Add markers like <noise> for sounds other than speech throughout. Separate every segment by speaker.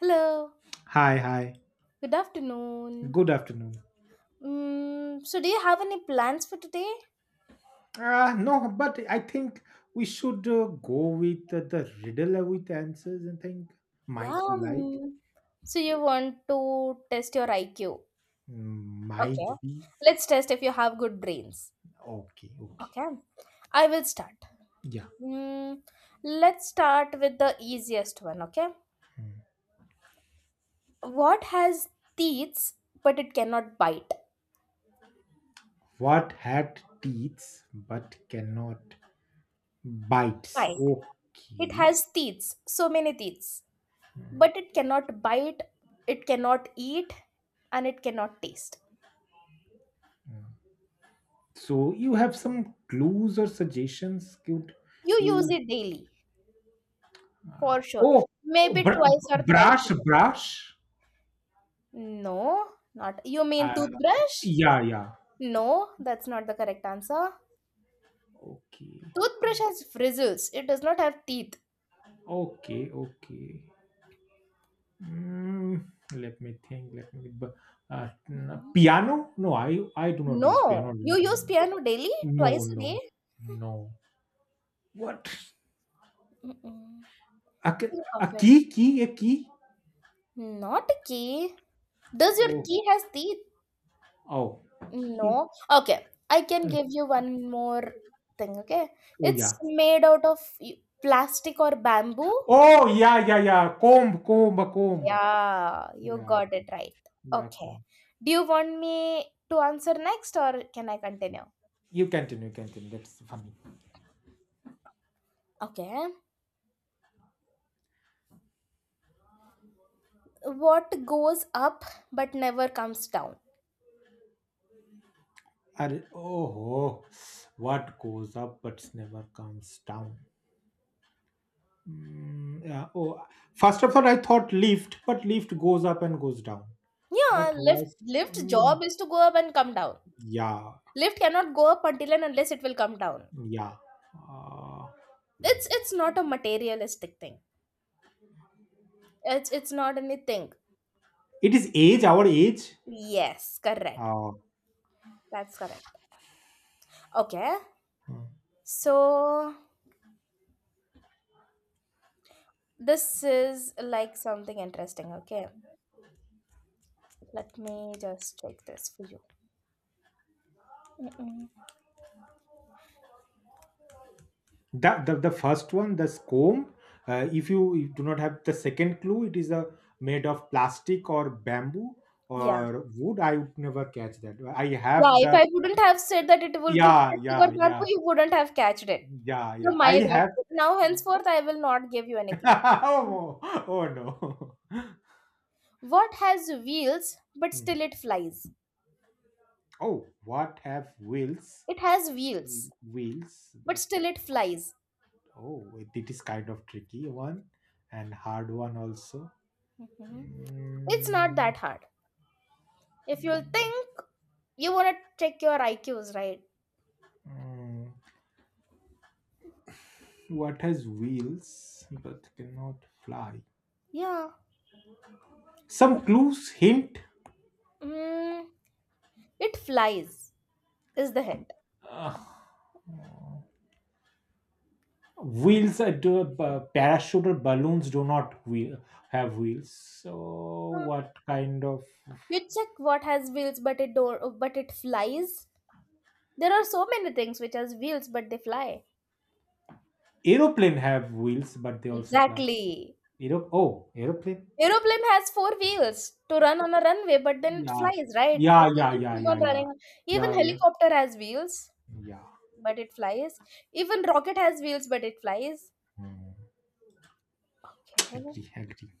Speaker 1: Hello,
Speaker 2: Hi, hi.
Speaker 1: good afternoon.
Speaker 2: Good afternoon.
Speaker 1: So, do you have any plans for today?
Speaker 2: No, but I think we should go with the riddle with answers and think.
Speaker 1: Yeah.
Speaker 2: Might you like?
Speaker 1: So, you want to test your IQ?
Speaker 2: Might
Speaker 1: Okay.
Speaker 2: be.
Speaker 1: Let's test if you have good brains.
Speaker 2: Okay, okay.
Speaker 1: Okay. I will start.
Speaker 2: Yeah.
Speaker 1: Mm, let's start with the easiest one. Okay.
Speaker 2: Mm.
Speaker 1: What has teeth but it cannot bite?
Speaker 2: What had teeth but cannot bites?
Speaker 1: Bite. It
Speaker 2: Okay.
Speaker 1: has teeth, so many teeth, but it cannot bite, it cannot eat, and it cannot taste.
Speaker 2: Mm. So you have some clues or suggestions? Could
Speaker 1: You use
Speaker 2: you?
Speaker 1: it daily, for sure.
Speaker 2: Oh, oh,
Speaker 1: Maybe twice or thrice
Speaker 2: brush,
Speaker 1: a
Speaker 2: brush.
Speaker 1: day. No, not. You mean
Speaker 2: Uh,
Speaker 1: toothbrush?
Speaker 2: yeah, yeah.
Speaker 1: No, that's not the correct answer.
Speaker 2: Okay.
Speaker 1: Toothbrush has bristles. It does not have teeth.
Speaker 2: Okay, okay. Mm, Let me think. Let me. Piano? No, I do not use piano.
Speaker 1: No, you use piano daily,
Speaker 2: No,
Speaker 1: twice a
Speaker 2: no,
Speaker 1: day.
Speaker 2: no. What?
Speaker 1: Mm-mm. Think
Speaker 2: A
Speaker 1: of it.
Speaker 2: key? Key? A key?
Speaker 1: Not a key. Does your
Speaker 2: Oh,
Speaker 1: key has teeth?
Speaker 2: oh, key.
Speaker 1: No. Okay, I can
Speaker 2: uh,
Speaker 1: give you one more thing. Okay,
Speaker 2: Oh, yeah.
Speaker 1: it's made out of plastic or bamboo.
Speaker 2: Oh, yeah, yeah, yeah. Comb, comb, a comb.
Speaker 1: Yeah, you
Speaker 2: Yeah,
Speaker 1: got it right.
Speaker 2: yeah,
Speaker 1: Okay.
Speaker 2: comb.
Speaker 1: Do you want me to answer next or can I continue?
Speaker 2: You continue, continue. That's funny.
Speaker 1: Okay. What goes up but never comes down?
Speaker 2: Are, oh, oh, what goes up but never comes down. Yeah. Oh, first of all, I thought lift, but lift goes up and goes down.
Speaker 1: Yeah,
Speaker 2: But
Speaker 1: lift
Speaker 2: was
Speaker 1: lift
Speaker 2: mm,
Speaker 1: job is to go up and come down.
Speaker 2: yeah,
Speaker 1: Lift cannot go up until and unless it will come down.
Speaker 2: yeah. Uh,
Speaker 1: It's not a materialistic thing. It's not anything.
Speaker 2: it is age, our age.
Speaker 1: Yes, correct.
Speaker 2: Uh,
Speaker 1: That's correct. Okay.
Speaker 2: mm.
Speaker 1: So this is like something interesting, okay? Let me just check this for you. Mm-mm.
Speaker 2: The first one, the comb. If you do not have the second clue, it is a made of plastic or bamboo
Speaker 1: Yeah.
Speaker 2: or wood. I would never catch that. I
Speaker 1: Yeah,
Speaker 2: have
Speaker 1: if
Speaker 2: the
Speaker 1: I wouldn't have said that it would be
Speaker 2: yeah,
Speaker 1: plastic or
Speaker 2: yeah,
Speaker 1: bamboo,
Speaker 2: yeah,
Speaker 1: you wouldn't have catched it.
Speaker 2: yeah,
Speaker 1: So
Speaker 2: yeah.
Speaker 1: my
Speaker 2: I have.
Speaker 1: bad. Now henceforth I will not give you any
Speaker 2: <laughs>
Speaker 1: clue.
Speaker 2: Oh, oh no. <laughs>
Speaker 1: What has wheels but
Speaker 2: Hmm.
Speaker 1: still it flies?
Speaker 2: Oh, what have wheels?
Speaker 1: It has wheels,
Speaker 2: Wheels,
Speaker 1: but
Speaker 2: but
Speaker 1: still it flies.
Speaker 2: oh, it is kind of tricky one and hard one also.
Speaker 1: Mhm. It's not
Speaker 2: Mm,
Speaker 1: that hard. If you'll
Speaker 2: mm,
Speaker 1: think, you wanna check your IQs, right?
Speaker 2: mm. What has wheels but cannot fly?
Speaker 1: Yeah.
Speaker 2: Some clues, hint.
Speaker 1: Mm, it flies is the hint.
Speaker 2: Uh, Wheels are do, parachute or balloons do not wheel, have wheels. So,
Speaker 1: Huh.
Speaker 2: what kind of
Speaker 1: You check what has wheels, but it don't. But it flies. There are so many things which has wheels but they fly.
Speaker 2: aeroplane have wheels but they also fly?
Speaker 1: Exactly.
Speaker 2: Aero Oh, aeroplane?
Speaker 1: Aeroplane has four wheels to run on a runway, but then it
Speaker 2: Yeah.
Speaker 1: flies, right?
Speaker 2: Yeah,
Speaker 1: It
Speaker 2: yeah,
Speaker 1: doesn't
Speaker 2: yeah,
Speaker 1: keep
Speaker 2: yeah,
Speaker 1: on
Speaker 2: yeah.
Speaker 1: running. Even
Speaker 2: Yeah, yeah.
Speaker 1: helicopter has wheels,
Speaker 2: Yeah.
Speaker 1: but it flies. Even rocket has wheels, but it flies.
Speaker 2: Mm.
Speaker 1: Okay.
Speaker 2: Agree, agree. <laughs>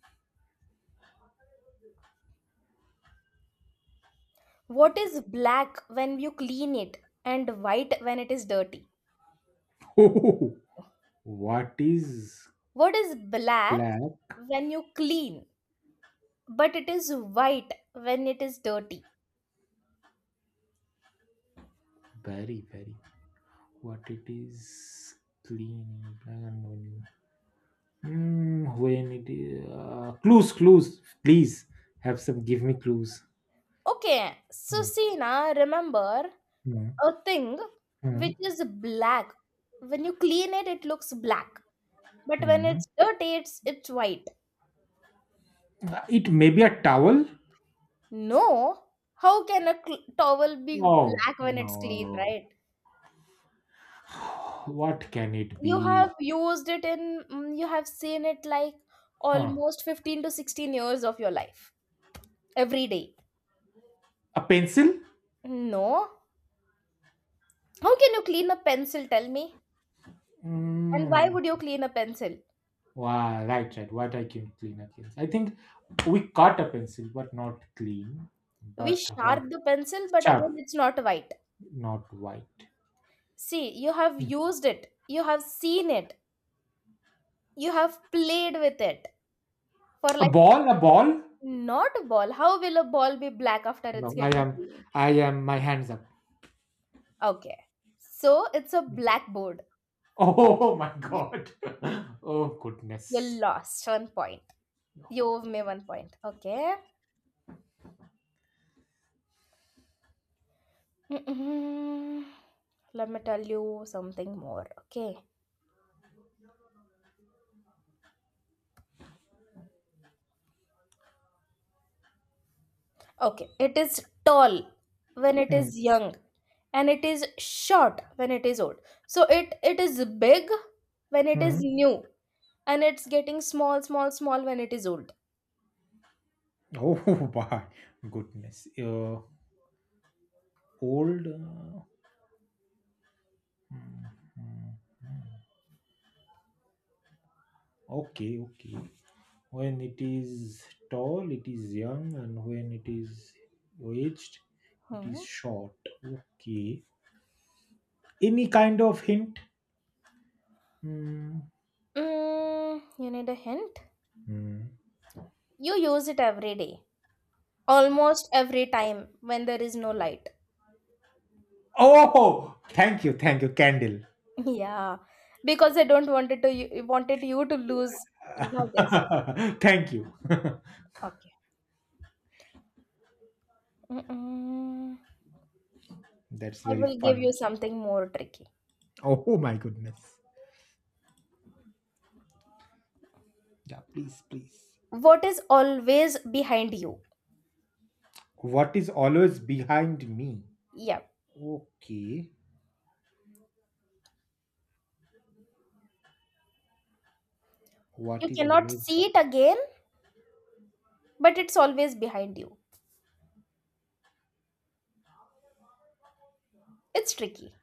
Speaker 1: What is black when you clean it and white when it is dirty?
Speaker 2: Oh, what is
Speaker 1: What is black
Speaker 2: black?
Speaker 1: when you clean, but it is white when it is dirty?
Speaker 2: Very, very. What it is clean. Black and only. When it is clues, clues, please have some. Give me clues.
Speaker 1: Okay. So
Speaker 2: Hmm,
Speaker 1: see now, remember
Speaker 2: hmm,
Speaker 1: a thing
Speaker 2: hmm,
Speaker 1: which is black. When you clean it, it looks black, but when
Speaker 2: hmm.
Speaker 1: it's dirty, it's white.
Speaker 2: It may be a towel.
Speaker 1: No, how can a towel be
Speaker 2: Oh
Speaker 1: black when it's clean,
Speaker 2: no!
Speaker 1: right?
Speaker 2: <sighs> What can it
Speaker 1: You
Speaker 2: be?
Speaker 1: have used it you have seen it like
Speaker 2: Huh?
Speaker 1: almost 15 to 16 years of your life every day.
Speaker 2: A pencil?
Speaker 1: No, how can you clean a pencil? Tell me. And why
Speaker 2: Mm.
Speaker 1: would you clean a pencil?
Speaker 2: Wow, right, right. What I can clean against. I think we cut a pencil, but not clean.
Speaker 1: We
Speaker 2: But what?
Speaker 1: sharp the pencil, but again,
Speaker 2: Sharp,
Speaker 1: it's not white.
Speaker 2: not white.
Speaker 1: See, you have
Speaker 2: Hmm.
Speaker 1: used it, you have seen it, you have played with it for
Speaker 2: A
Speaker 1: like.
Speaker 2: ball? A ball?
Speaker 1: Not a ball. How will a ball be black after
Speaker 2: No,
Speaker 1: it's
Speaker 2: I
Speaker 1: getting
Speaker 2: am.
Speaker 1: clean?
Speaker 2: I am. My hands up.
Speaker 1: Okay. So it's a blackboard.
Speaker 2: Oh <laughs> my
Speaker 1: You
Speaker 2: god. <laughs> Oh goodness.
Speaker 1: lost 1 point. You owe me 1 point. Okay. <clears throat> Mm-mm. Let me tell you something more. Okay. Okay. It is tall when it
Speaker 2: Hmm.
Speaker 1: is young and it is short when it is old. So it is big when it is
Speaker 2: Hmm.
Speaker 1: new and it's getting small small small when it is old.
Speaker 2: Oh <laughs> my goodness. Old. Hmm. Okay. Okay. When it is tall, it is young, and when it is aged, it is
Speaker 1: Hmm.
Speaker 2: short. Okay. Any kind of hint? Hmm.
Speaker 1: You need a hint?
Speaker 2: Hmm.
Speaker 1: You use it every day, almost every time when there is no light.
Speaker 2: Oh, thank you, candle.
Speaker 1: <laughs> Yeah, because I don't wanted to you wanted you to lose, you know this.
Speaker 2: <laughs> Thank you. <laughs>
Speaker 1: Okay. Mm-mm.
Speaker 2: That's
Speaker 1: I
Speaker 2: very
Speaker 1: will give you
Speaker 2: fun.
Speaker 1: something more tricky.
Speaker 2: Oh my goodness. Yeah, please, please.
Speaker 1: What is always behind you?
Speaker 2: What is always behind me?
Speaker 1: Yeah,
Speaker 2: Okay. What
Speaker 1: you
Speaker 2: is
Speaker 1: cannot
Speaker 2: always?
Speaker 1: see it again, but it's always behind you. It's tricky.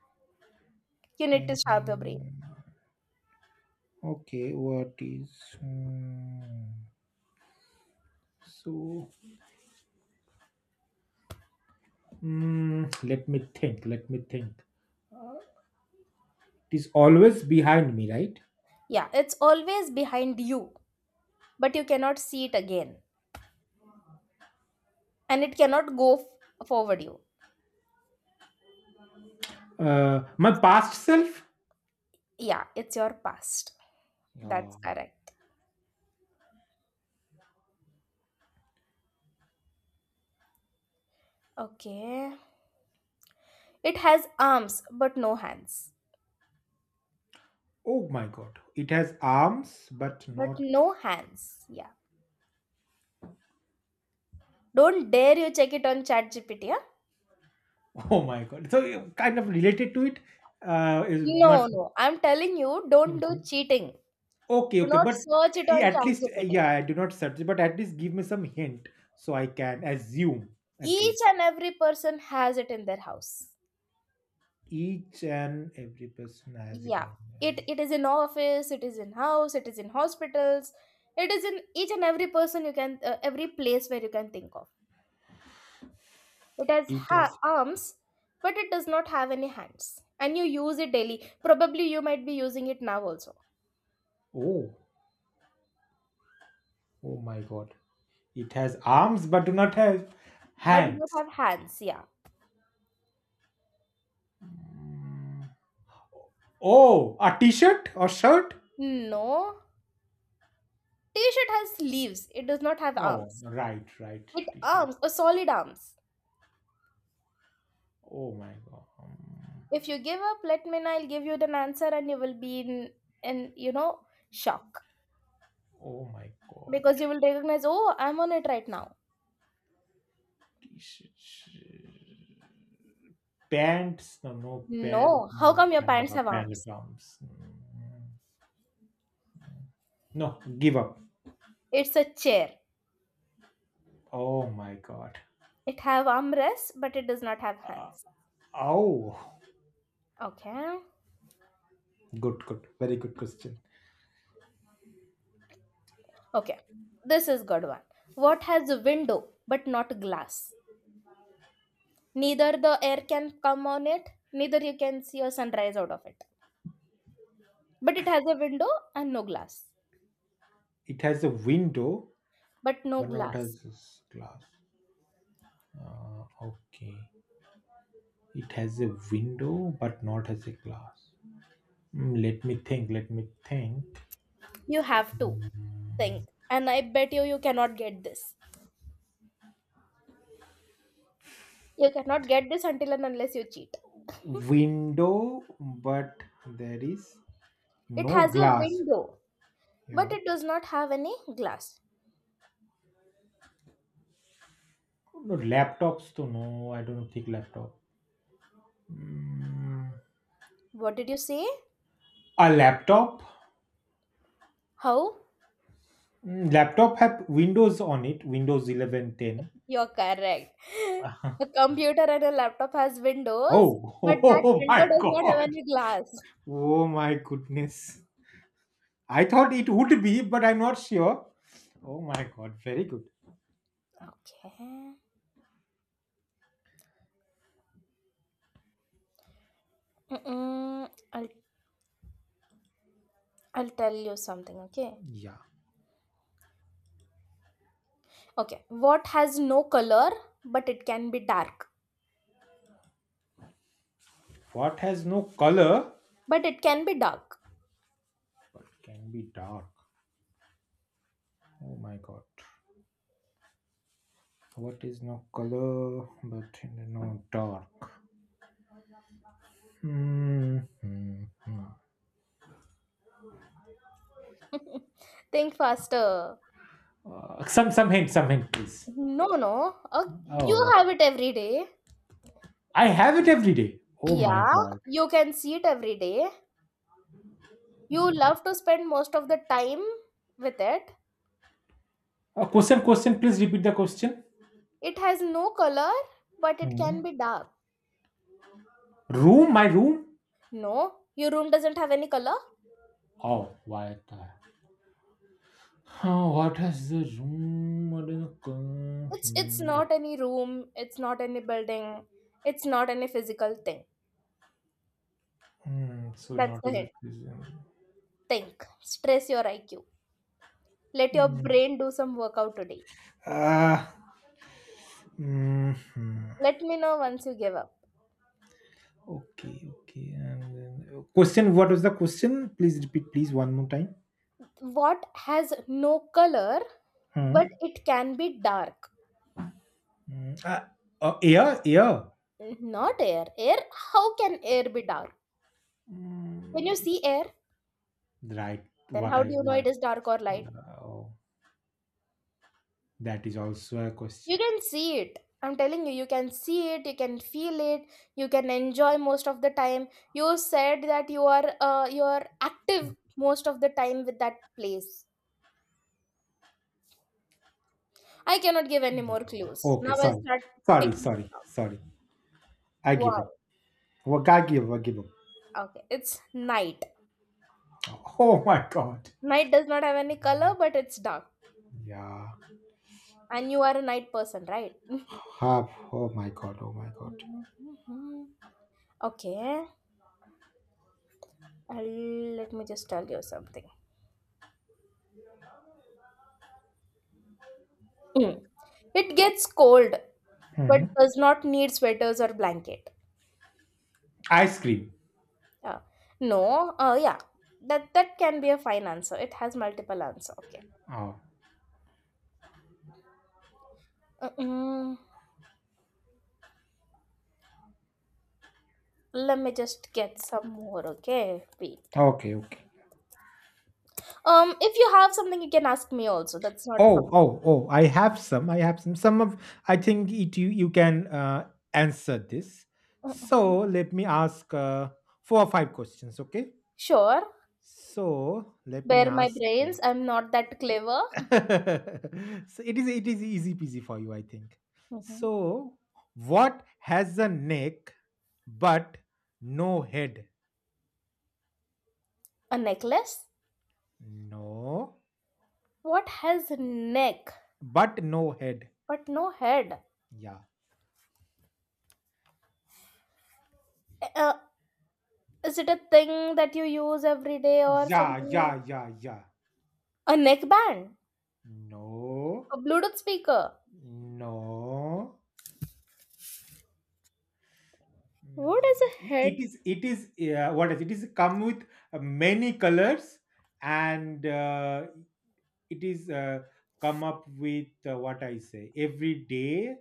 Speaker 1: You need to
Speaker 2: Um,
Speaker 1: sharp your brain.
Speaker 2: okay, what is? Hmm. So let me think. Let me think. It is always behind me, right?
Speaker 1: Yeah, it's always behind you, but you cannot see it again, and it cannot go forward you.
Speaker 2: My past self.
Speaker 1: Yeah, it's your past. That's
Speaker 2: Yeah.
Speaker 1: correct. Okay. It has arms but no hands.
Speaker 2: Oh my god, it has arms, but
Speaker 1: But
Speaker 2: not.
Speaker 1: no hands. Yeah. Don't dare you check it on ChatGPT. Yeah?
Speaker 2: <laughs> Oh my god. So you kind of related to it. Is but
Speaker 1: No, no. I'm telling you, don't do
Speaker 2: Mhm.
Speaker 1: cheating.
Speaker 2: Okay,
Speaker 1: Do
Speaker 2: okay,
Speaker 1: not
Speaker 2: but
Speaker 1: search it
Speaker 2: yeah,
Speaker 1: on
Speaker 2: at least
Speaker 1: ChatGPT.
Speaker 2: yeah, I do not search, but at least give me some hint so I can assume at
Speaker 1: Each
Speaker 2: least
Speaker 1: and every person has it in their house.
Speaker 2: each and every person has it
Speaker 1: Yeah.
Speaker 2: on.
Speaker 1: It is in office, it is in house, it is in hospitals, it is in each and every person you can every place where you can think of. It has
Speaker 2: It has.
Speaker 1: arms, but it does not have any hands. And you use it daily. Probably you might be using it now also.
Speaker 2: Oh. Oh my god. It has arms but do not have
Speaker 1: But do not
Speaker 2: hands.
Speaker 1: have hands, yeah.
Speaker 2: Oh, a t-shirt or shirt?
Speaker 1: No. T-shirt has sleeves. It does not have
Speaker 2: Oh,
Speaker 1: arms.
Speaker 2: right, right,
Speaker 1: It
Speaker 2: t-shirt.
Speaker 1: arms, a solid arms.
Speaker 2: Oh my god.
Speaker 1: If you give up, let me know. I'll give you the answer and you will be in shock.
Speaker 2: Oh my god.
Speaker 1: Because you will recognize, oh, I'm on it right now.
Speaker 2: T-shirt. Pants? No, no pants.
Speaker 1: No. How
Speaker 2: No,
Speaker 1: come your pants have arms?
Speaker 2: pantaloons. Mm. No, give up.
Speaker 1: It's a chair.
Speaker 2: Oh my god.
Speaker 1: It have armrests, but it does not have hands.
Speaker 2: Oh,
Speaker 1: Okay.
Speaker 2: good, good, very good question.
Speaker 1: Okay, this is good one. What has a window but not glass? Neither the air can come on it, neither you can see a sunrise out of it. But it has a window and no glass.
Speaker 2: It has a window,
Speaker 1: But no
Speaker 2: but not
Speaker 1: glass.
Speaker 2: has glass. Okay. It has a window, but not as a glass. Let me think. Let me think.
Speaker 1: You have to think. And I bet you cannot get this. You cannot get this until and unless you cheat.
Speaker 2: Window, but there is
Speaker 1: It
Speaker 2: no
Speaker 1: has a
Speaker 2: glass.
Speaker 1: window, but
Speaker 2: Yeah.
Speaker 1: it does not have any glass.
Speaker 2: No laptops. To no, I don't think laptop. Mm,
Speaker 1: What did you say?
Speaker 2: a laptop.
Speaker 1: How?
Speaker 2: Laptop have Windows on it. Windows 11 10.
Speaker 1: You're correct. <laughs> A computer and a laptop has windows,
Speaker 2: Oh, <laughs>
Speaker 1: but that
Speaker 2: oh
Speaker 1: window
Speaker 2: my
Speaker 1: does not have
Speaker 2: god.
Speaker 1: any glass.
Speaker 2: Oh my goodness. I thought it would be, but I'm not sure. Oh my god, very good.
Speaker 1: Okay. Mm-mm. I'll tell you something, okay?
Speaker 2: Yeah.
Speaker 1: Okay. What has no color, but it can be dark.
Speaker 2: What has no color
Speaker 1: But it can be dark.
Speaker 2: but can be dark? Oh my god. What is no color but no dark? Hmm. Hmm, hmm.
Speaker 1: <laughs> Think faster.
Speaker 2: Some hint, some hint, please.
Speaker 1: No, no. You
Speaker 2: Oh,
Speaker 1: have it every day.
Speaker 2: I have it every day. Oh my
Speaker 1: Yeah,
Speaker 2: god.
Speaker 1: you can see it every day. You love to spend most of the time with it.
Speaker 2: Question, question. Please repeat the question.
Speaker 1: It has no color, but it
Speaker 2: Hmm.
Speaker 1: can be dark.
Speaker 2: Room, my room.
Speaker 1: No, your room doesn't have any color.
Speaker 2: Oh, huh, what has the room? What is the color?
Speaker 1: It's
Speaker 2: Hmm.
Speaker 1: not any room, it's not any building, it's not any physical thing.
Speaker 2: Hmm, so
Speaker 1: That's
Speaker 2: not
Speaker 1: the
Speaker 2: as a
Speaker 1: hint.
Speaker 2: prison.
Speaker 1: Think. Stress your IQ. Let your
Speaker 2: Mm.
Speaker 1: brain do some workout today.
Speaker 2: Ah, hmm.
Speaker 1: Let me know once you give up.
Speaker 2: Okay, okay. And then, question: what was the question? Please repeat, please, one more time.
Speaker 1: What has no color
Speaker 2: Hmm.
Speaker 1: but it can be dark?
Speaker 2: Hmm. Yeah, yeah.
Speaker 1: Not air. Air, how can air be dark? Can you
Speaker 2: Mm,
Speaker 1: see air?
Speaker 2: right.
Speaker 1: Then
Speaker 2: What
Speaker 1: how do
Speaker 2: I
Speaker 1: you know
Speaker 2: want.
Speaker 1: it is dark or light?
Speaker 2: Yeah, oh, that is also a question.
Speaker 1: You can see it. I'm telling you, you can see it, you can feel it, you can enjoy most of the time. You said that you are active most of the time with that place. I cannot give any
Speaker 2: Yeah.
Speaker 1: more clues.
Speaker 2: Okay.
Speaker 1: Now I
Speaker 2: Sorry.
Speaker 1: start
Speaker 2: Sorry.
Speaker 1: ticking this
Speaker 2: Sorry.
Speaker 1: out.
Speaker 2: Sorry. I give up.
Speaker 1: Wow.
Speaker 2: Well, I give up. I give up. <laughs>
Speaker 1: Okay. It's night.
Speaker 2: Oh my god.
Speaker 1: Night does not have any color, but it's dark.
Speaker 2: Yeah.
Speaker 1: And you are a night person, right? <laughs>
Speaker 2: Half. Oh my god. Oh my god.
Speaker 1: Okay. Let me just tell you something. Mm. It gets cold but
Speaker 2: Hmm.
Speaker 1: does not need sweaters or blanket.
Speaker 2: Ice cream.
Speaker 1: Uh, no, yeah, that can be a fine answer. It has multiple answer. Okay.
Speaker 2: Oh.
Speaker 1: Mm-mm. Let me just get some more. Okay, wait.
Speaker 2: Okay. Okay.
Speaker 1: If you have something, you can ask me also. That's not a problem.
Speaker 2: Oh, oh, oh, I have some. I have some. Some of, I think it you can answer this. So
Speaker 1: Mm-mm.
Speaker 2: let me ask four or five questions, okay?
Speaker 1: Sure.
Speaker 2: So let me
Speaker 1: Bear my
Speaker 2: ask
Speaker 1: brains.
Speaker 2: you.
Speaker 1: I'm not that clever.
Speaker 2: <laughs> So it is easy peasy for you, I think.
Speaker 1: hmm
Speaker 2: So what has a neck but no head?
Speaker 1: A necklace?
Speaker 2: No,
Speaker 1: What has neck
Speaker 2: but no head.
Speaker 1: but no head?
Speaker 2: Yeah.
Speaker 1: Uh, is it a thing that you use every day or
Speaker 2: Yeah,
Speaker 1: something?
Speaker 2: yeah, yeah, yeah.
Speaker 1: A neckband.
Speaker 2: No,
Speaker 1: A Bluetooth speaker.
Speaker 2: no,
Speaker 1: What
Speaker 2: Mm,
Speaker 1: is a head?
Speaker 2: it is what is it is come with many colors and it is come up with what I say every day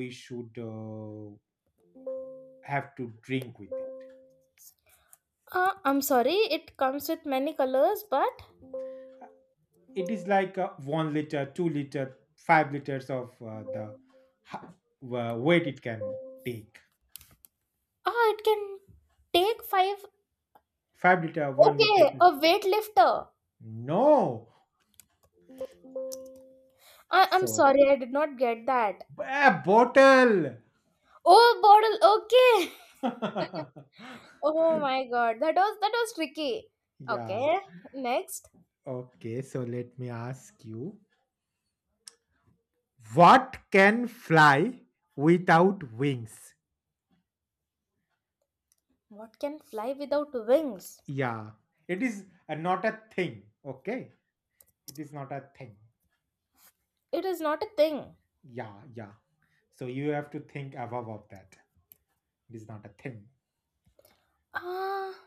Speaker 2: we should have to drink with it.
Speaker 1: I'm sorry, it comes with many colors, but
Speaker 2: It is like 1 liter, 2 liter, 5 liters of the ha- weight it can take.
Speaker 1: it can take five.
Speaker 2: 5 liter, 1 liter,
Speaker 1: Okay, a weightlifter.
Speaker 2: no,
Speaker 1: I'm
Speaker 2: so
Speaker 1: sorry, I did not get that.
Speaker 2: a bottle.
Speaker 1: Oh, bottle. Okay. <laughs>
Speaker 2: <laughs>
Speaker 1: Oh my God, that was tricky.
Speaker 2: Yeah.
Speaker 1: Okay, next,
Speaker 2: Okay, so let me ask you, what can fly without wings?
Speaker 1: what can fly without wings?
Speaker 2: Yeah, it is not a thing. Okay, it is not a thing.
Speaker 1: It is not a thing.
Speaker 2: Yeah, yeah. So you have to think above of that. It is not a thing.
Speaker 1: Ah,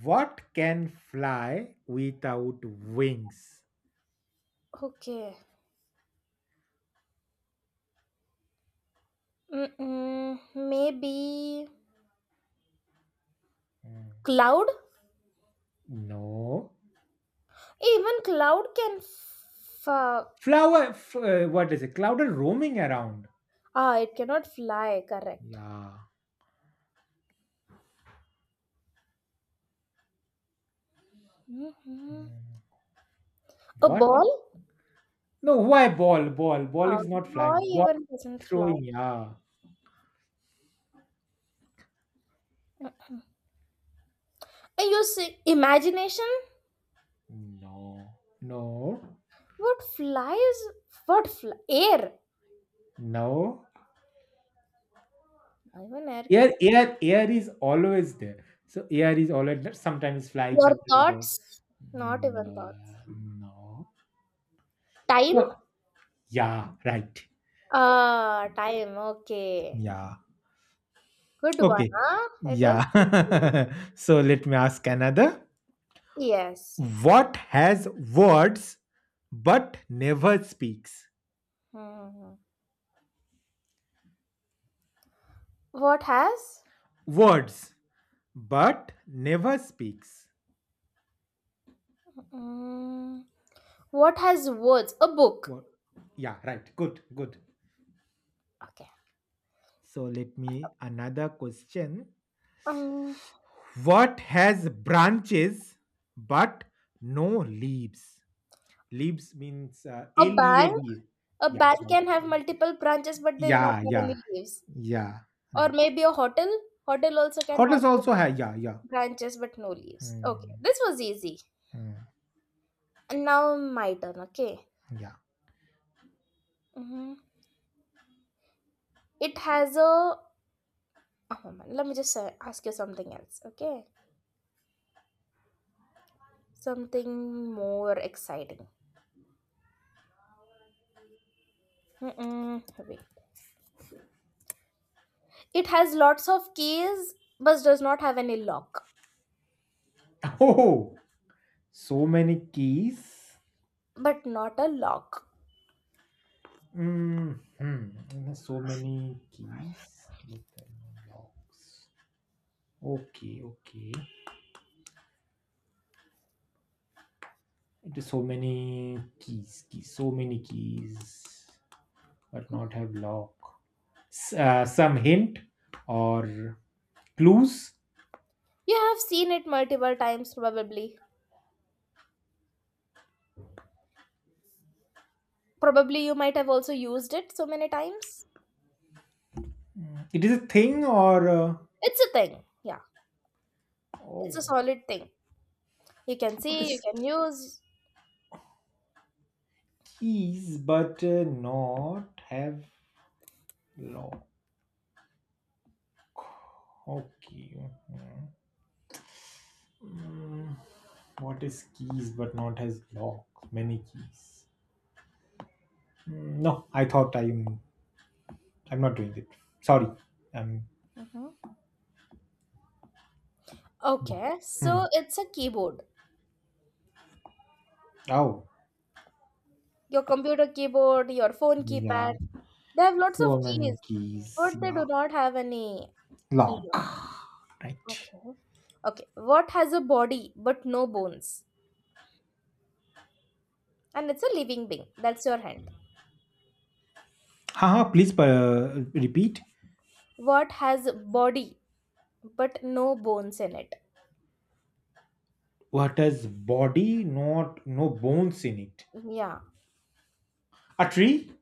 Speaker 2: What can fly without wings?
Speaker 1: okay. Mm-mm, maybe
Speaker 2: Hmm.
Speaker 1: cloud.
Speaker 2: No.
Speaker 1: Even cloud can fa-
Speaker 2: Flower, what is it? Cloud are roaming around.
Speaker 1: ah, it cannot fly. Correct.
Speaker 2: Yeah.
Speaker 1: hmm A
Speaker 2: What?
Speaker 1: ball?
Speaker 2: No, why ball? Ball. Ball is not flying.
Speaker 1: Boy
Speaker 2: Ball
Speaker 1: even doesn't fly.
Speaker 2: throwing. Yeah.
Speaker 1: Mm. And your imagination?
Speaker 2: No. No.
Speaker 1: What flies? What fly? Air?
Speaker 2: No.
Speaker 1: Even air can.
Speaker 2: Air is always there. So air is always there, sometimes flying,
Speaker 1: Your
Speaker 2: sometimes there.
Speaker 1: thoughts? Not even
Speaker 2: No.
Speaker 1: thoughts.
Speaker 2: No.
Speaker 1: Time?
Speaker 2: So, yeah, right.
Speaker 1: Time. Okay.
Speaker 2: Yeah.
Speaker 1: Good one.
Speaker 2: Okay.
Speaker 1: Huh? It
Speaker 2: Yeah.
Speaker 1: was.
Speaker 2: <laughs> So let me ask another.
Speaker 1: Yes.
Speaker 2: What has words but never speaks?
Speaker 1: hmm What has?
Speaker 2: Words but never speaks.
Speaker 1: Mm, what has words? A book.
Speaker 2: What? Yeah, right. Good, good.
Speaker 1: Okay.
Speaker 2: So let me another question.
Speaker 1: Um,
Speaker 2: What has branches but no leaves? Leaves means
Speaker 1: a bank,
Speaker 2: L-E-A-V.
Speaker 1: a
Speaker 2: Yeah,
Speaker 1: bank
Speaker 2: right.
Speaker 1: can have multiple branches, but they do not
Speaker 2: Yeah,
Speaker 1: have
Speaker 2: yeah,
Speaker 1: any leaves.
Speaker 2: yeah,
Speaker 1: Or
Speaker 2: right.
Speaker 1: maybe a hotel, hotel also can have
Speaker 2: Hotels also
Speaker 1: multiple
Speaker 2: have, yeah, yeah.
Speaker 1: branches but no leaves. Okay,
Speaker 2: Hmm,
Speaker 1: this was easy.
Speaker 2: hmm,
Speaker 1: And now my turn. Okay.
Speaker 2: yeah.
Speaker 1: hmm It has a. Oh man, let me just ask you something else. Okay, something more exciting. Mm-mm, wait. It has lots of keys, but does not have any lock.
Speaker 2: <laughs> Oh, so many keys.
Speaker 1: But not a lock.
Speaker 2: Mm-hmm. So many keys with the locks. Okay, okay. It is so many keys, keys, so many keys, but not have lock. Some hint or clues.
Speaker 1: You have seen it multiple times, probably. Probably you might have also used it so many times.
Speaker 2: It is a thing or
Speaker 1: It's a thing. Yeah, it's a
Speaker 2: oh,
Speaker 1: solid thing. You can
Speaker 2: what
Speaker 1: see, you
Speaker 2: is
Speaker 1: can use.
Speaker 2: keys, but not have lock. Okay. Mhm. Mm, what is keys but not has lock? Many keys. No, I thought I'm not doing it. Sorry. Um.
Speaker 1: Mhm.
Speaker 2: No.
Speaker 1: Okay,
Speaker 2: Hmm.
Speaker 1: so it's a keyboard.
Speaker 2: Oh.
Speaker 1: Your computer keyboard, your phone
Speaker 2: Yeah.
Speaker 1: keypad. They have lots of
Speaker 2: So many
Speaker 1: keys,
Speaker 2: keys.
Speaker 1: but they
Speaker 2: Yeah.
Speaker 1: do not have any leaf.
Speaker 2: Lock. Right.
Speaker 1: Okay. Okay. What has a body but no bones? And it's a living being. That's your hand.
Speaker 2: Haha, please repeat.
Speaker 1: What has body but no bones in it?
Speaker 2: What has body, not no bones in it?
Speaker 1: Yeah.
Speaker 2: A tree?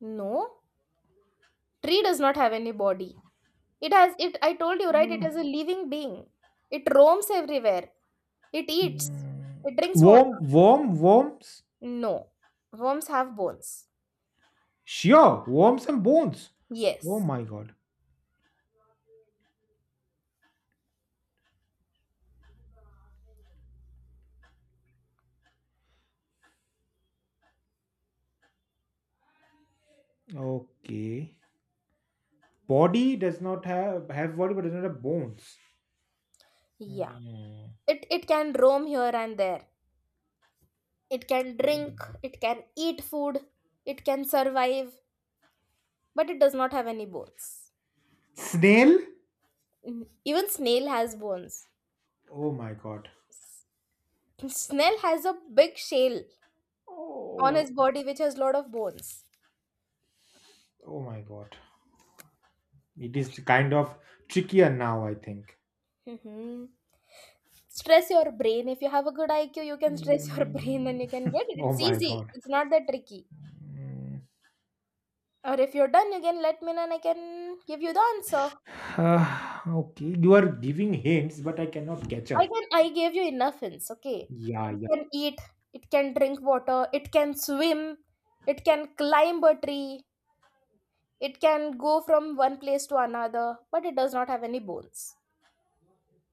Speaker 1: No. Tree does not have any body. It has it I told you, right? It is a living being. It roams everywhere. It eats.
Speaker 2: Mm.
Speaker 1: It drinks water.
Speaker 2: Worm, worm, worms?
Speaker 1: No. Worms have bones.
Speaker 2: Sure, worms and bones. Oh
Speaker 1: Yes.
Speaker 2: my god. Okay. Body does not have body but does not have bones.
Speaker 1: Yeah.
Speaker 2: Hmm.
Speaker 1: It can roam here and there. It can
Speaker 2: Oh
Speaker 1: drink,
Speaker 2: my god.
Speaker 1: it can eat food, it can survive, but it does not have any bones.
Speaker 2: Snail?
Speaker 1: Mm, even snail has bones.
Speaker 2: Oh my god.
Speaker 1: Snail has a big shell on
Speaker 2: Oh,
Speaker 1: his body which has lot of bones.
Speaker 2: oh my god. It is kind of trickier now, I think.
Speaker 1: <laughs> Mhm. Stress your brain. If you have a good IQ, you can stress your <laughs> brain
Speaker 2: Mm.
Speaker 1: and you can get
Speaker 2: <laughs>
Speaker 1: it.
Speaker 2: Oh
Speaker 1: It's
Speaker 2: my
Speaker 1: easy.
Speaker 2: god.
Speaker 1: It's not that tricky.
Speaker 2: Mm.
Speaker 1: Or if you're done, you can let me know and I can give you the answer.
Speaker 2: <sighs> Okay, you are giving hints, but I cannot catch
Speaker 1: I
Speaker 2: up.
Speaker 1: can I gave you enough hints, okay?
Speaker 2: Yeah,
Speaker 1: It
Speaker 2: yeah.
Speaker 1: can eat, it can drink water, it can swim, it can climb a tree, it can go from one place to another, but it does not have any bones.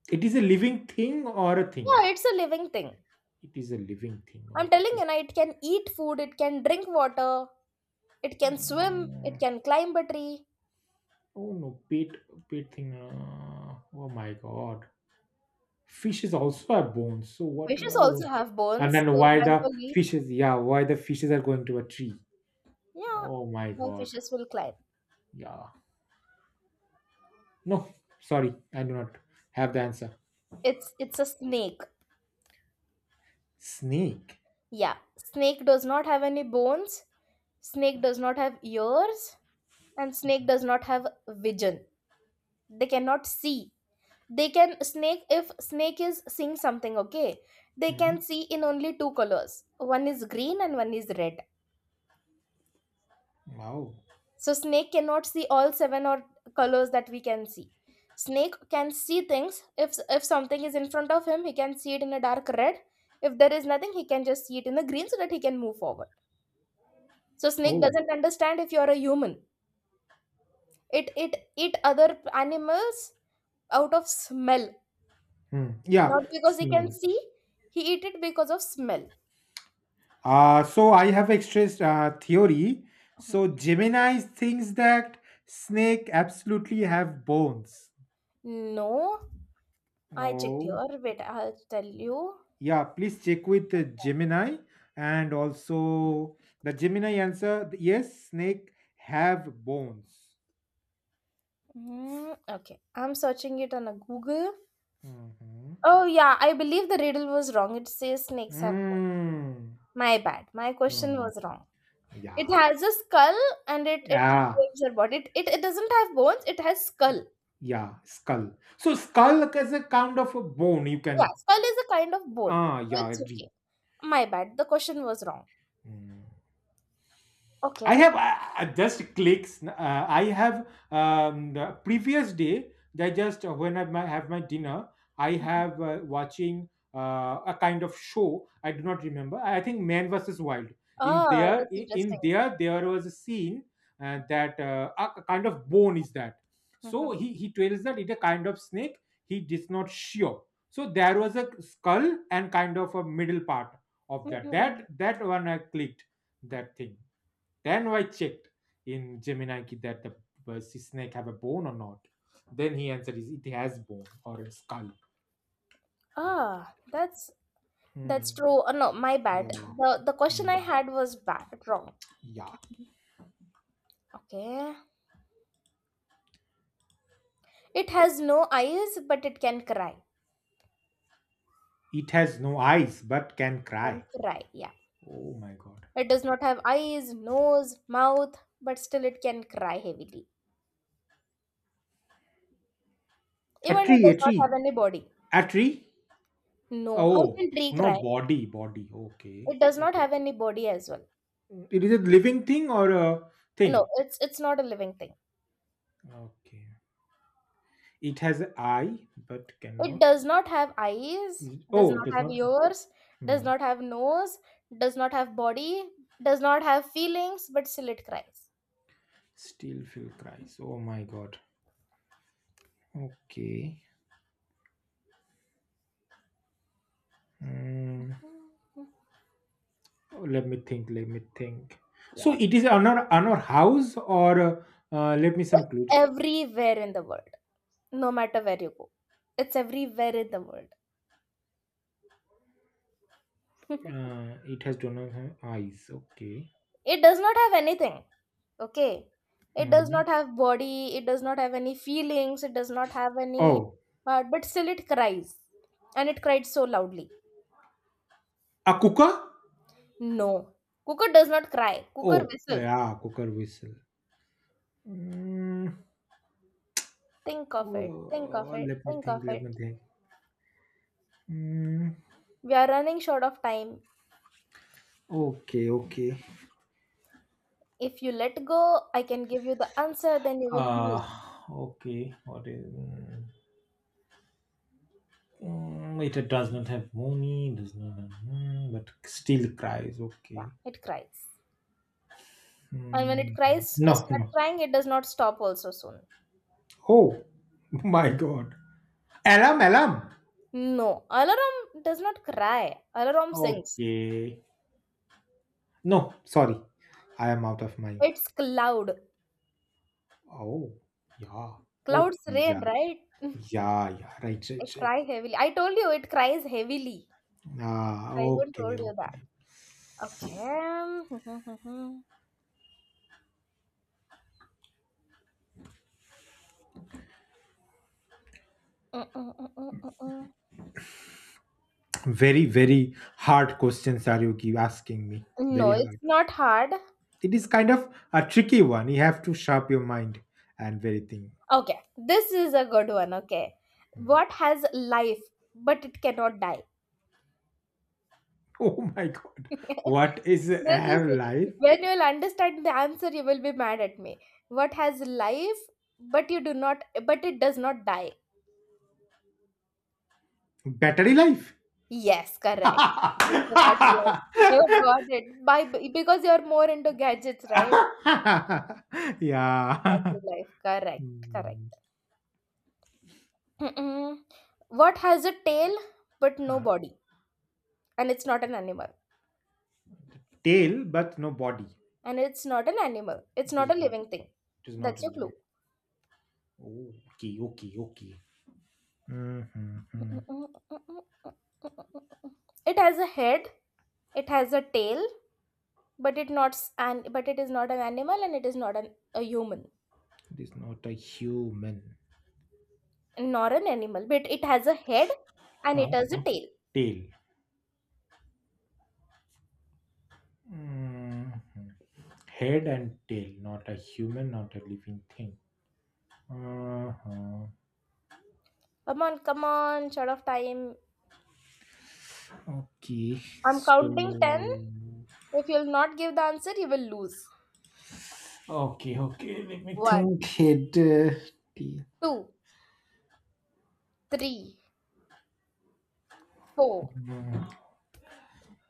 Speaker 2: It is a living thing or a thing?
Speaker 1: Yeah, it's a living thing.
Speaker 2: It is a living thing.
Speaker 1: I'm telling
Speaker 2: Okay.
Speaker 1: you, na, it can eat food, it can drink water, it can swim, it
Speaker 2: Mm.
Speaker 1: can climb a tree.
Speaker 2: Oh no, pet, pet thing. Oh my god. Fish is also a bone. So what?
Speaker 1: Fishes also
Speaker 2: Oh.
Speaker 1: have
Speaker 2: And
Speaker 1: bones.
Speaker 2: then
Speaker 1: Your
Speaker 2: why the
Speaker 1: Bengali.
Speaker 2: fishes? Yeah, why the fishes are going to a tree?
Speaker 1: Yeah,
Speaker 2: Oh my
Speaker 1: all
Speaker 2: god.
Speaker 1: fishes will climb.
Speaker 2: Yeah. No, sorry, I do not have the answer.
Speaker 1: It's a snake.
Speaker 2: Snake.
Speaker 1: Yeah, snake does not have any bones. Snake does not have ears, and snake does not have vision. They cannot see. They can snake if snake is seeing something. Okay, they
Speaker 2: Hmm.
Speaker 1: can see in only two colors. One is green and one is red.
Speaker 2: Wow.
Speaker 1: So snake cannot see all seven or colors that we can see. Snake can see things. If something is in front of him, he can see it in a dark red. If there is nothing, he can just see it in the green so that he can move forward. So snake
Speaker 2: Oh.
Speaker 1: doesn't understand if you're a human. It eat other animals out of smell.
Speaker 2: Hmm. Yeah.
Speaker 1: Not because he can
Speaker 2: Snail.
Speaker 1: see, he eat it because of smell.
Speaker 2: So I have expressed theory. So Gemini thinks that snake absolutely have bones.
Speaker 1: No, I checked here.
Speaker 2: Oh.
Speaker 1: Wait, I'll tell you.
Speaker 2: Yeah. Please check with Gemini and also the Gemini answer. Yes, snake have bones.
Speaker 1: Mm, okay, I'm searching it on a Google.
Speaker 2: Mm-hmm.
Speaker 1: Oh, yeah, I believe the riddle was wrong. It says snakes have bones.
Speaker 2: Mm.
Speaker 1: My bad. My question
Speaker 2: Mm.
Speaker 1: was wrong. It
Speaker 2: Yeah.
Speaker 1: has a skull and it
Speaker 2: Yeah.
Speaker 1: lives your body. It doesn't have bones. It has skull.
Speaker 2: Yeah, skull. So skull is a kind of a bone. You
Speaker 1: Yeah,
Speaker 2: can.
Speaker 1: skull is a kind of bone.
Speaker 2: Ah,
Speaker 1: So
Speaker 2: yeah,
Speaker 1: it's
Speaker 2: agree.
Speaker 1: okay. My bad. The question was wrong.
Speaker 2: Hmm. I
Speaker 1: Okay.
Speaker 2: have just clicks. I have the previous day. I just when I have my dinner, I
Speaker 1: Mhm.
Speaker 2: have watching a kind of show. I do not remember. I think Man versus Wild. In
Speaker 1: Ah,
Speaker 2: there,
Speaker 1: that's
Speaker 2: in
Speaker 1: interesting.
Speaker 2: there, there was a scene that a kind of bone is that. So
Speaker 1: Mhm.
Speaker 2: he tells that it's a kind of snake. He is not sure. So there was a skull and kind of a middle part of
Speaker 1: Mm,
Speaker 2: that.
Speaker 1: mm,
Speaker 2: That
Speaker 1: mm.
Speaker 2: that one I clicked that thing. Then I checked in Gemini ki that the sea snake have a bone or not. Then he answered, is it has bone or a skull.
Speaker 1: Ah, that's
Speaker 2: Hmm.
Speaker 1: true. Oh, no, my bad.
Speaker 2: Yeah.
Speaker 1: The question I
Speaker 2: Hmm.
Speaker 1: had was bad wrong.
Speaker 2: Yeah.
Speaker 1: Okay. It has no eyes, but it can cry.
Speaker 2: It has no eyes but can cry.
Speaker 1: Can cry. Yeah.
Speaker 2: Oh my god.
Speaker 1: It does not have eyes, nose, mouth, but still it can cry heavily.
Speaker 2: A
Speaker 1: Even it
Speaker 2: tree, a
Speaker 1: does not have
Speaker 2: tree.
Speaker 1: any body.
Speaker 2: A tree?
Speaker 1: No, how
Speaker 2: Oh,
Speaker 1: can tree
Speaker 2: no
Speaker 1: cry?
Speaker 2: body, body. Okay.
Speaker 1: It does
Speaker 2: Oh.
Speaker 1: not have any body as well.
Speaker 2: It is a living thing or a
Speaker 1: No,
Speaker 2: thing?
Speaker 1: it's not a living thing.
Speaker 2: Okay. It has an eye but
Speaker 1: It
Speaker 2: cannot.
Speaker 1: does not have eyes, does
Speaker 2: Oh, it
Speaker 1: not
Speaker 2: does
Speaker 1: have
Speaker 2: not.
Speaker 1: ears, does
Speaker 2: Hmm.
Speaker 1: not have nose, does not have body, does not have feelings, but still it cries.
Speaker 2: Still feel cries. Oh my god. Okay. Mm, Let me think. Let me think. So
Speaker 1: Yeah.
Speaker 2: it is on our house or let me some
Speaker 1: It's
Speaker 2: clue.
Speaker 1: everywhere in the world, no matter where you go. It's everywhere in the world.
Speaker 2: It has donor eyes. Okay.
Speaker 1: <laughs> It does not have anything. Okay, it does
Speaker 2: Mhm.
Speaker 1: not have body, it does not have any feelings, it does not have any
Speaker 2: Oh,
Speaker 1: heart, but still it cries and it cried so loudly.
Speaker 2: a cooker.
Speaker 1: No, cooker does not cry, cooker
Speaker 2: Oh,
Speaker 1: whistle.
Speaker 2: yeah, cooker whistle. Mm,
Speaker 1: Think of it, think of
Speaker 2: oh,
Speaker 1: it,
Speaker 2: let me
Speaker 1: think of
Speaker 2: think. Let
Speaker 1: it.
Speaker 2: me think. Mm,
Speaker 1: We are running short of time.
Speaker 2: okay. Okay.
Speaker 1: If you let go, I can give you the answer, then you will
Speaker 2: Uh,
Speaker 1: lose.
Speaker 2: okay. What is? It does not have money. Does not have, but still cries.
Speaker 1: Yeah,
Speaker 2: Okay.
Speaker 1: it cries, and when it
Speaker 2: Mm,
Speaker 1: cries,
Speaker 2: no,
Speaker 1: start
Speaker 2: no.
Speaker 1: crying, it does not stop also soon.
Speaker 2: Oh <laughs> my god. Alarm, alarm.
Speaker 1: No, alarm does not cry, alarm sings.
Speaker 2: Okay. No, sorry. I am out of my.
Speaker 1: It's loud.
Speaker 2: Oh, yeah. Okay,
Speaker 1: Clouds
Speaker 2: yeah.
Speaker 1: rain, right? <laughs>
Speaker 2: Yeah, yeah. Right,
Speaker 1: I
Speaker 2: right, right.
Speaker 1: cry heavily. I told you it cries heavily.
Speaker 2: Ah,
Speaker 1: I even
Speaker 2: okay,
Speaker 1: told you that.
Speaker 2: okay.
Speaker 1: Okay. <laughs>
Speaker 2: Very, very hard questions are you keep asking me. Very
Speaker 1: No, it's
Speaker 2: hard.
Speaker 1: not hard.
Speaker 2: It is kind of a tricky one. You have to sharp your mind and very thing.
Speaker 1: Okay, this is a good one. Okay,
Speaker 2: Mm. <laughs>
Speaker 1: what has life but it cannot die?
Speaker 2: Oh my god.
Speaker 1: <laughs>
Speaker 2: What is
Speaker 1: This is
Speaker 2: have life?
Speaker 1: it. When you'll understand the answer, you will be mad at me. What has life but it does not die?
Speaker 2: Battery life?
Speaker 1: Yes, correct. It's about life. You got
Speaker 2: <laughs>
Speaker 1: it. By because you're more into gadgets, right? About
Speaker 2: Yeah.
Speaker 1: your
Speaker 2: <laughs>
Speaker 1: life. Correct,
Speaker 2: Mm,
Speaker 1: correct. Mm-mm. What has a tail but no
Speaker 2: uh,
Speaker 1: body? And it's not an animal.
Speaker 2: Tail, but no body.
Speaker 1: And it's not an animal. It's
Speaker 2: It
Speaker 1: not a
Speaker 2: is not.
Speaker 1: living thing.
Speaker 2: It is not
Speaker 1: That's
Speaker 2: a
Speaker 1: your
Speaker 2: living.
Speaker 1: clue.
Speaker 2: Oh, okay, okay, okay. Mm-hmm. Hmm.
Speaker 1: It has a head, it has a tail, but it is not an animal and it is not an, a human,
Speaker 2: It is not a human.
Speaker 1: nor an animal. But it has a head and it
Speaker 2: Huh?
Speaker 1: has a
Speaker 2: Huh.
Speaker 1: tail.
Speaker 2: Tail. Hmm. Head and tail, not a human, not a living thing. Uh-huh.
Speaker 1: Come on, come on, short of time.
Speaker 2: Okay,
Speaker 1: I'm
Speaker 2: so
Speaker 1: counting 10. If you'll not give the answer, you will lose.
Speaker 2: okay, okay. Let me
Speaker 1: One,
Speaker 2: think. Head, tail.
Speaker 1: two, three, four,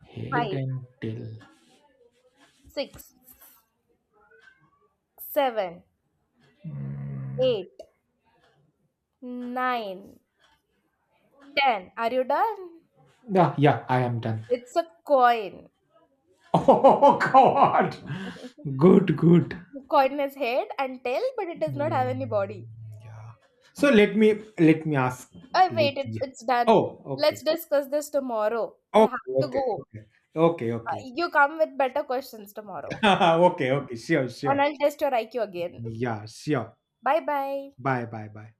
Speaker 2: Hate
Speaker 1: five,
Speaker 2: until.
Speaker 1: six, seven,
Speaker 2: Mm,
Speaker 1: eight, nine, ten. Are you done?
Speaker 2: yeah, yeah, I am done.
Speaker 1: It's a coin.
Speaker 2: <laughs> Oh, God.
Speaker 1: <laughs>
Speaker 2: Good, good.
Speaker 1: Coin has head and tail, but it does not have any
Speaker 2: Mm,
Speaker 1: body.
Speaker 2: yeah. So let me ask.
Speaker 1: Oh,
Speaker 2: Let
Speaker 1: wait,
Speaker 2: you.
Speaker 1: it's done.
Speaker 2: Oh, okay.
Speaker 1: Let's discuss this tomorrow. I have
Speaker 2: Okay,
Speaker 1: to
Speaker 2: okay,
Speaker 1: go.
Speaker 2: okay, okay, okay,
Speaker 1: You come with better questions tomorrow.
Speaker 2: <laughs> okay, okay. Sure, sure.
Speaker 1: And I'll test your IQ again.
Speaker 2: Yeah, sure.
Speaker 1: Bye bye.
Speaker 2: Bye, bye, bye.